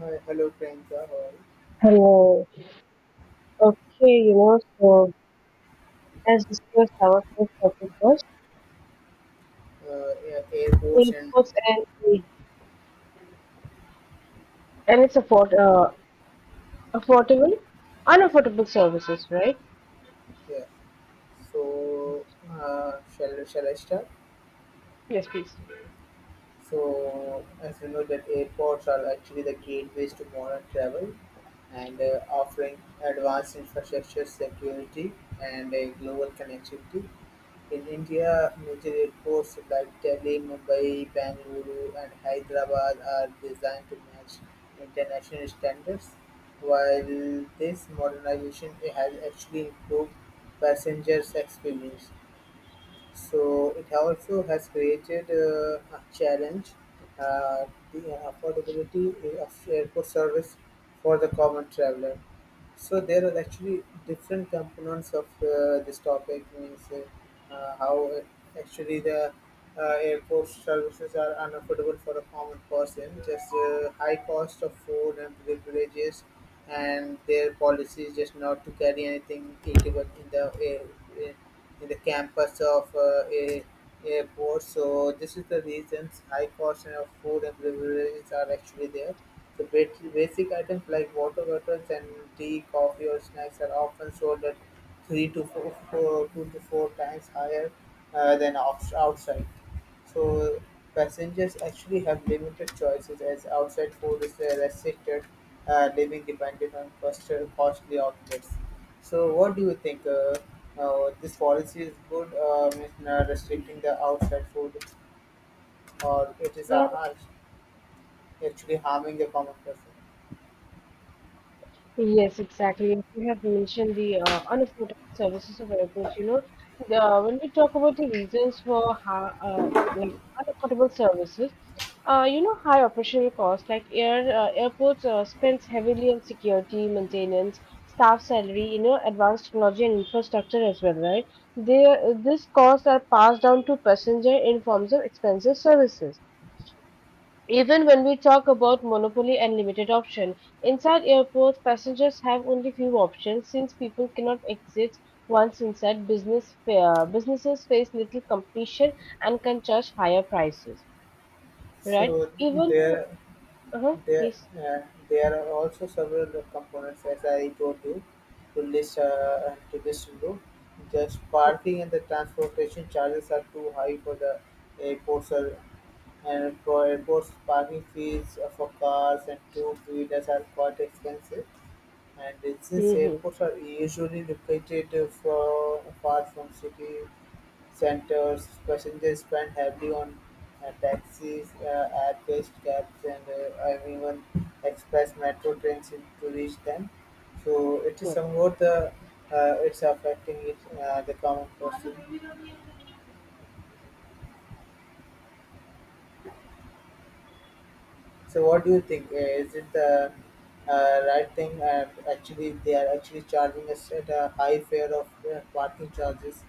Hi, hello Priyanka, all. Hello. Okay, so as discussed, our first topic was Yeah, air- airports food and costs and aid. And it's affordable, unaffordable services, right? yeah. So shall I start? Yes, please. So, as you know, that airports are actually the gateways to modern travel and offering advanced infrastructure, security, and global connectivity. In India, major airports like Delhi, Mumbai, Bengaluru, and Hyderabad are designed to match international standards. While this modernization has actually improved passengers' experience, so it also has created a challenge, uh, the affordability of airport service for the common traveler. So there are actually different components of this topic, means how actually the airport services are unaffordable for a common person, just high cost of food and privileges, and their policy is just not to carry anything eatable in the air, eh, in the campus of a airport. So this is the reasons high cost of food and privileges are actually there. The Basic items like water bottles and tea, coffee, or snacks are often sold at three to four, two to four times higher than outside. So passengers actually have limited choices as outside food is restricted, living dependent on costly outlets. So what do you think? This policy is good, in, restricting the outside food, or it is actually harming the common person? Yes, exactly. And you have mentioned the unaffordable services of airports. When we talk about the reasons for high, like unaffordable services, high operational costs. Like airports spends heavily on security, maintenance, staff salary, you know, advanced technology and infrastructure as well, right? These costs are passed down to passenger in forms of expensive services. Even when we talk about monopoly and limited option, inside airports, passengers have only few options since people cannot exit once inside. Businesses face little competition and can charge higher prices, right? So Even though, there, uh-huh, there, please. uh, there are also several components as I told you to list below. Just parking and the transportation charges are too high for the airports are, and for airports parking fees for cars and two wheelers are quite expensive. And since Hmm. airports are usually located far from city centers, passengers spend heavily on taxis, air-based cabs, and I even express metro trains in- to reach them. So it is somewhat the it's affecting it, the common person. So what do you think? Is it the right thing? Actually, they are actually charging us at a high fare of parking charges.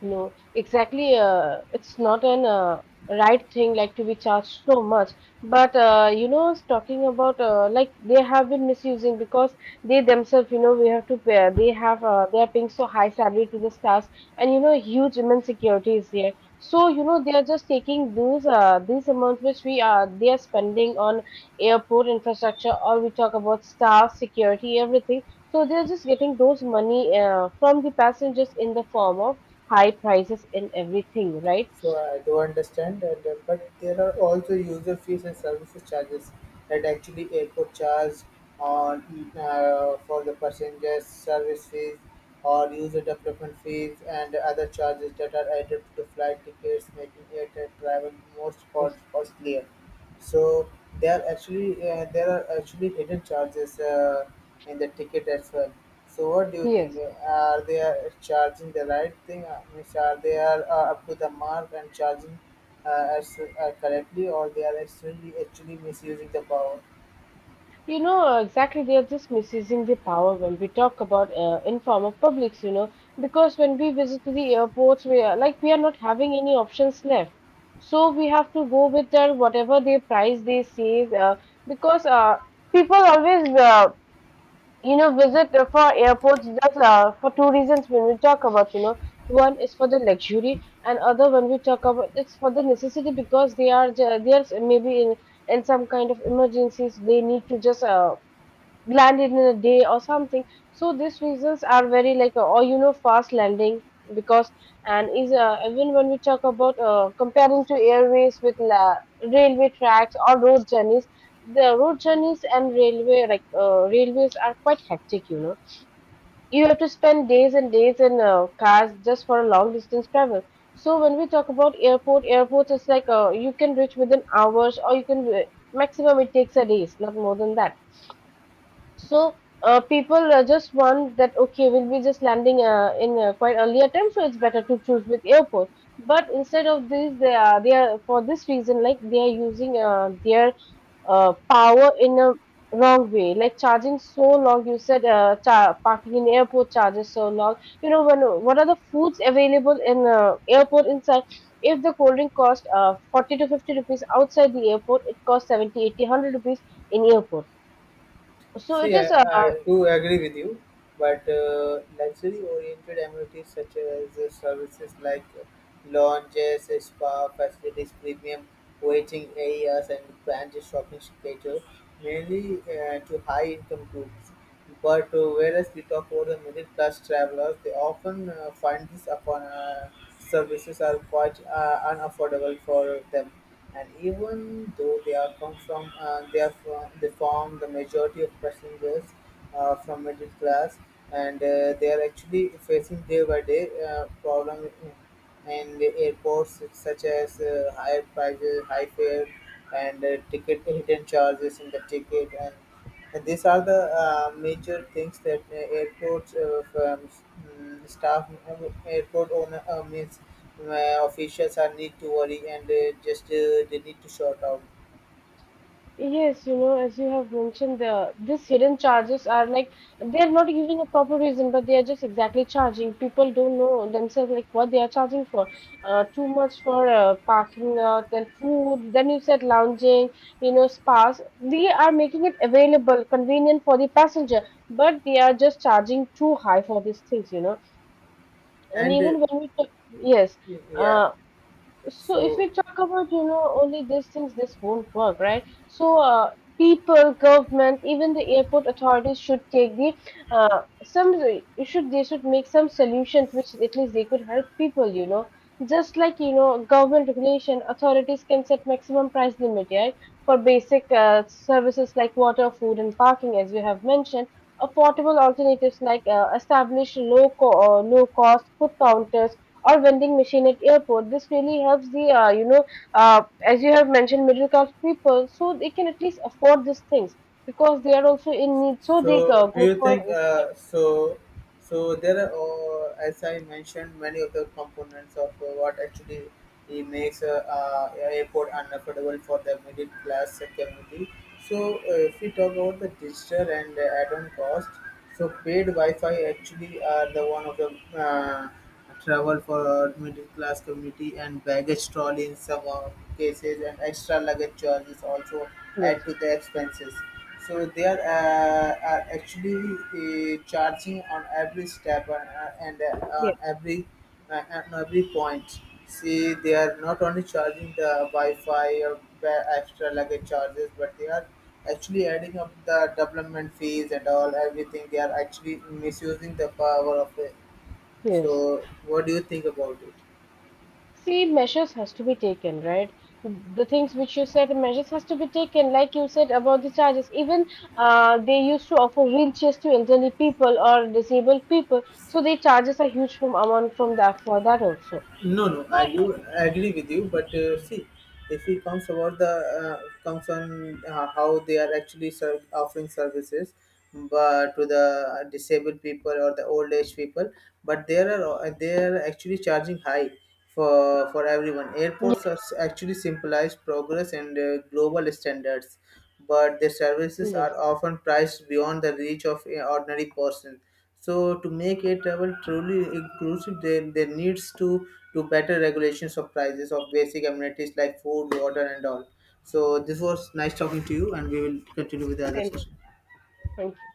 No, exactly. It's not an right thing like to be charged so much. But you know, it's talking about like they have been misusing because they themselves, you know, we have to pay. They are paying so high salary to the stars, and you know, huge immense security is there. So you know, they are just taking those these amounts which we are they are spending on airport infrastructure, or we talk about staff security, everything. So they are just getting those money from the passengers in the form of high prices in everything, right? So I do understand, and but there are also user fees and services charges that actually airport charge on for the passengers service fees or user development fees and other charges that are added to flight tickets, making airline travel most Yes. Costlier. So there are actually hidden charges in the ticket as well. So what do you think? Yes. Are they are charging the right thing? Means are they are up to the mark and charging as correctly, or they are actually misusing the power? You know, exactly, they are just misusing the power when we talk about informal publics, you know, because when we visit to the airports, we are like, we are not having any options left. So we have to go with their whatever their price they say, because people always visit for airports that's for two reasons when we talk about, you know, one is for the luxury and other when we talk about it's for the necessity because they are maybe in some kind of emergencies they need to just landed in a day or something, so these reasons are very like or you know fast landing, because and is even when we talk about comparing to airways with railway tracks or road journeys, the road journeys and railway like railways are quite hectic, you know, you have to spend days and days in cars just for a long distance travel. So when we talk about airports is like you can reach within hours, or you can maximum it takes a days, not more than that. So people just want that okay, we'll be just landing in quite earlier time, so it's better to choose with airport. But instead of this, they are for this reason like they are using their power in a wrong way, like charging so long. You said parking in airport charges so long. You know when what are the foods available in airport inside? If the cold drink cost 40 to 50 rupees outside the airport, it costs 70, 80, 100 rupees in airport. So it See, I, is I do agree with you, but luxury-oriented amenities such as services like lounges, spa facilities, premium waiting areas, and branded shopping cater mainly to high-income groups. But whereas we talk about the middle class travelers, they often find these upon services are quite unaffordable for them. And even though they are come from, they form the majority of passengers from middle class, and they are actually facing day by day problem and airports such as higher prices, high fare, and ticket hidden charges in the ticket, and these are the major things that airports staff, airport owner means officials are need to worry and just they need to sort out. yes, you know, as you have mentioned, these hidden charges are like they're not giving a proper reason, but they are just exactly charging. People don't know themselves like what they are charging for. Too much for parking lot, then food, then you said lounging, you know, spas. They are making it available, convenient for the passenger, but they are just charging too high for these things, you know. And And even when yes. yeah, Uh, so if so we talk about, you know, only these things, this won't work, right? So people, government, even the airport authorities should take the some you should they should make some solutions which at least they could help people, you know. Just like you know, government regulation, authorities can set maximum price limit, right, for basic services like water, food, and parking, as we have mentioned. Affordable alternatives like establish low cost food counters or vending machine at airport. This really helps the you know as you have mentioned middle class people, so they can at least afford these things because they are also in need. So they So, do go you for think this. So there are, as I mentioned, many of the components of what actually it makes a airport unaffordable for the middle class community. So, if we talk about the digital and add-on cost, so paid Wi-Fi actually are the one of the uh, travel for middle class community and baggage trolley in some cases and extra luggage charges also add Yes, to the expenses. So they are, actually charging on every step and, yes, on every point. See, they are not only charging the Wi-Fi or ba- extra luggage charges, but they are actually adding up the development fees and all everything. They are actually misusing the power of it. yes. So, what do you think about it? See, measures has to be taken, right? The things which you said, measures has to be taken. Like you said about the charges, even they used to offer wheelchairs to elderly people or disabled people, so the charges are huge from amount from that for that also. No, no, So I you, do agree with you, but see, if it comes about the comes on how they are actually offering services, but to the disabled people or the old age people, but they are actually charging high for everyone. Airports yes, are s- actually symbolize progress and global standards, but their services yes, are often priced beyond the reach of an ordinary person. So to make air travel truly inclusive, there needs to better regulations of prices of basic amenities like food, water, and all. So this was nice talking to you, and we will continue with the other same. session. Thank you.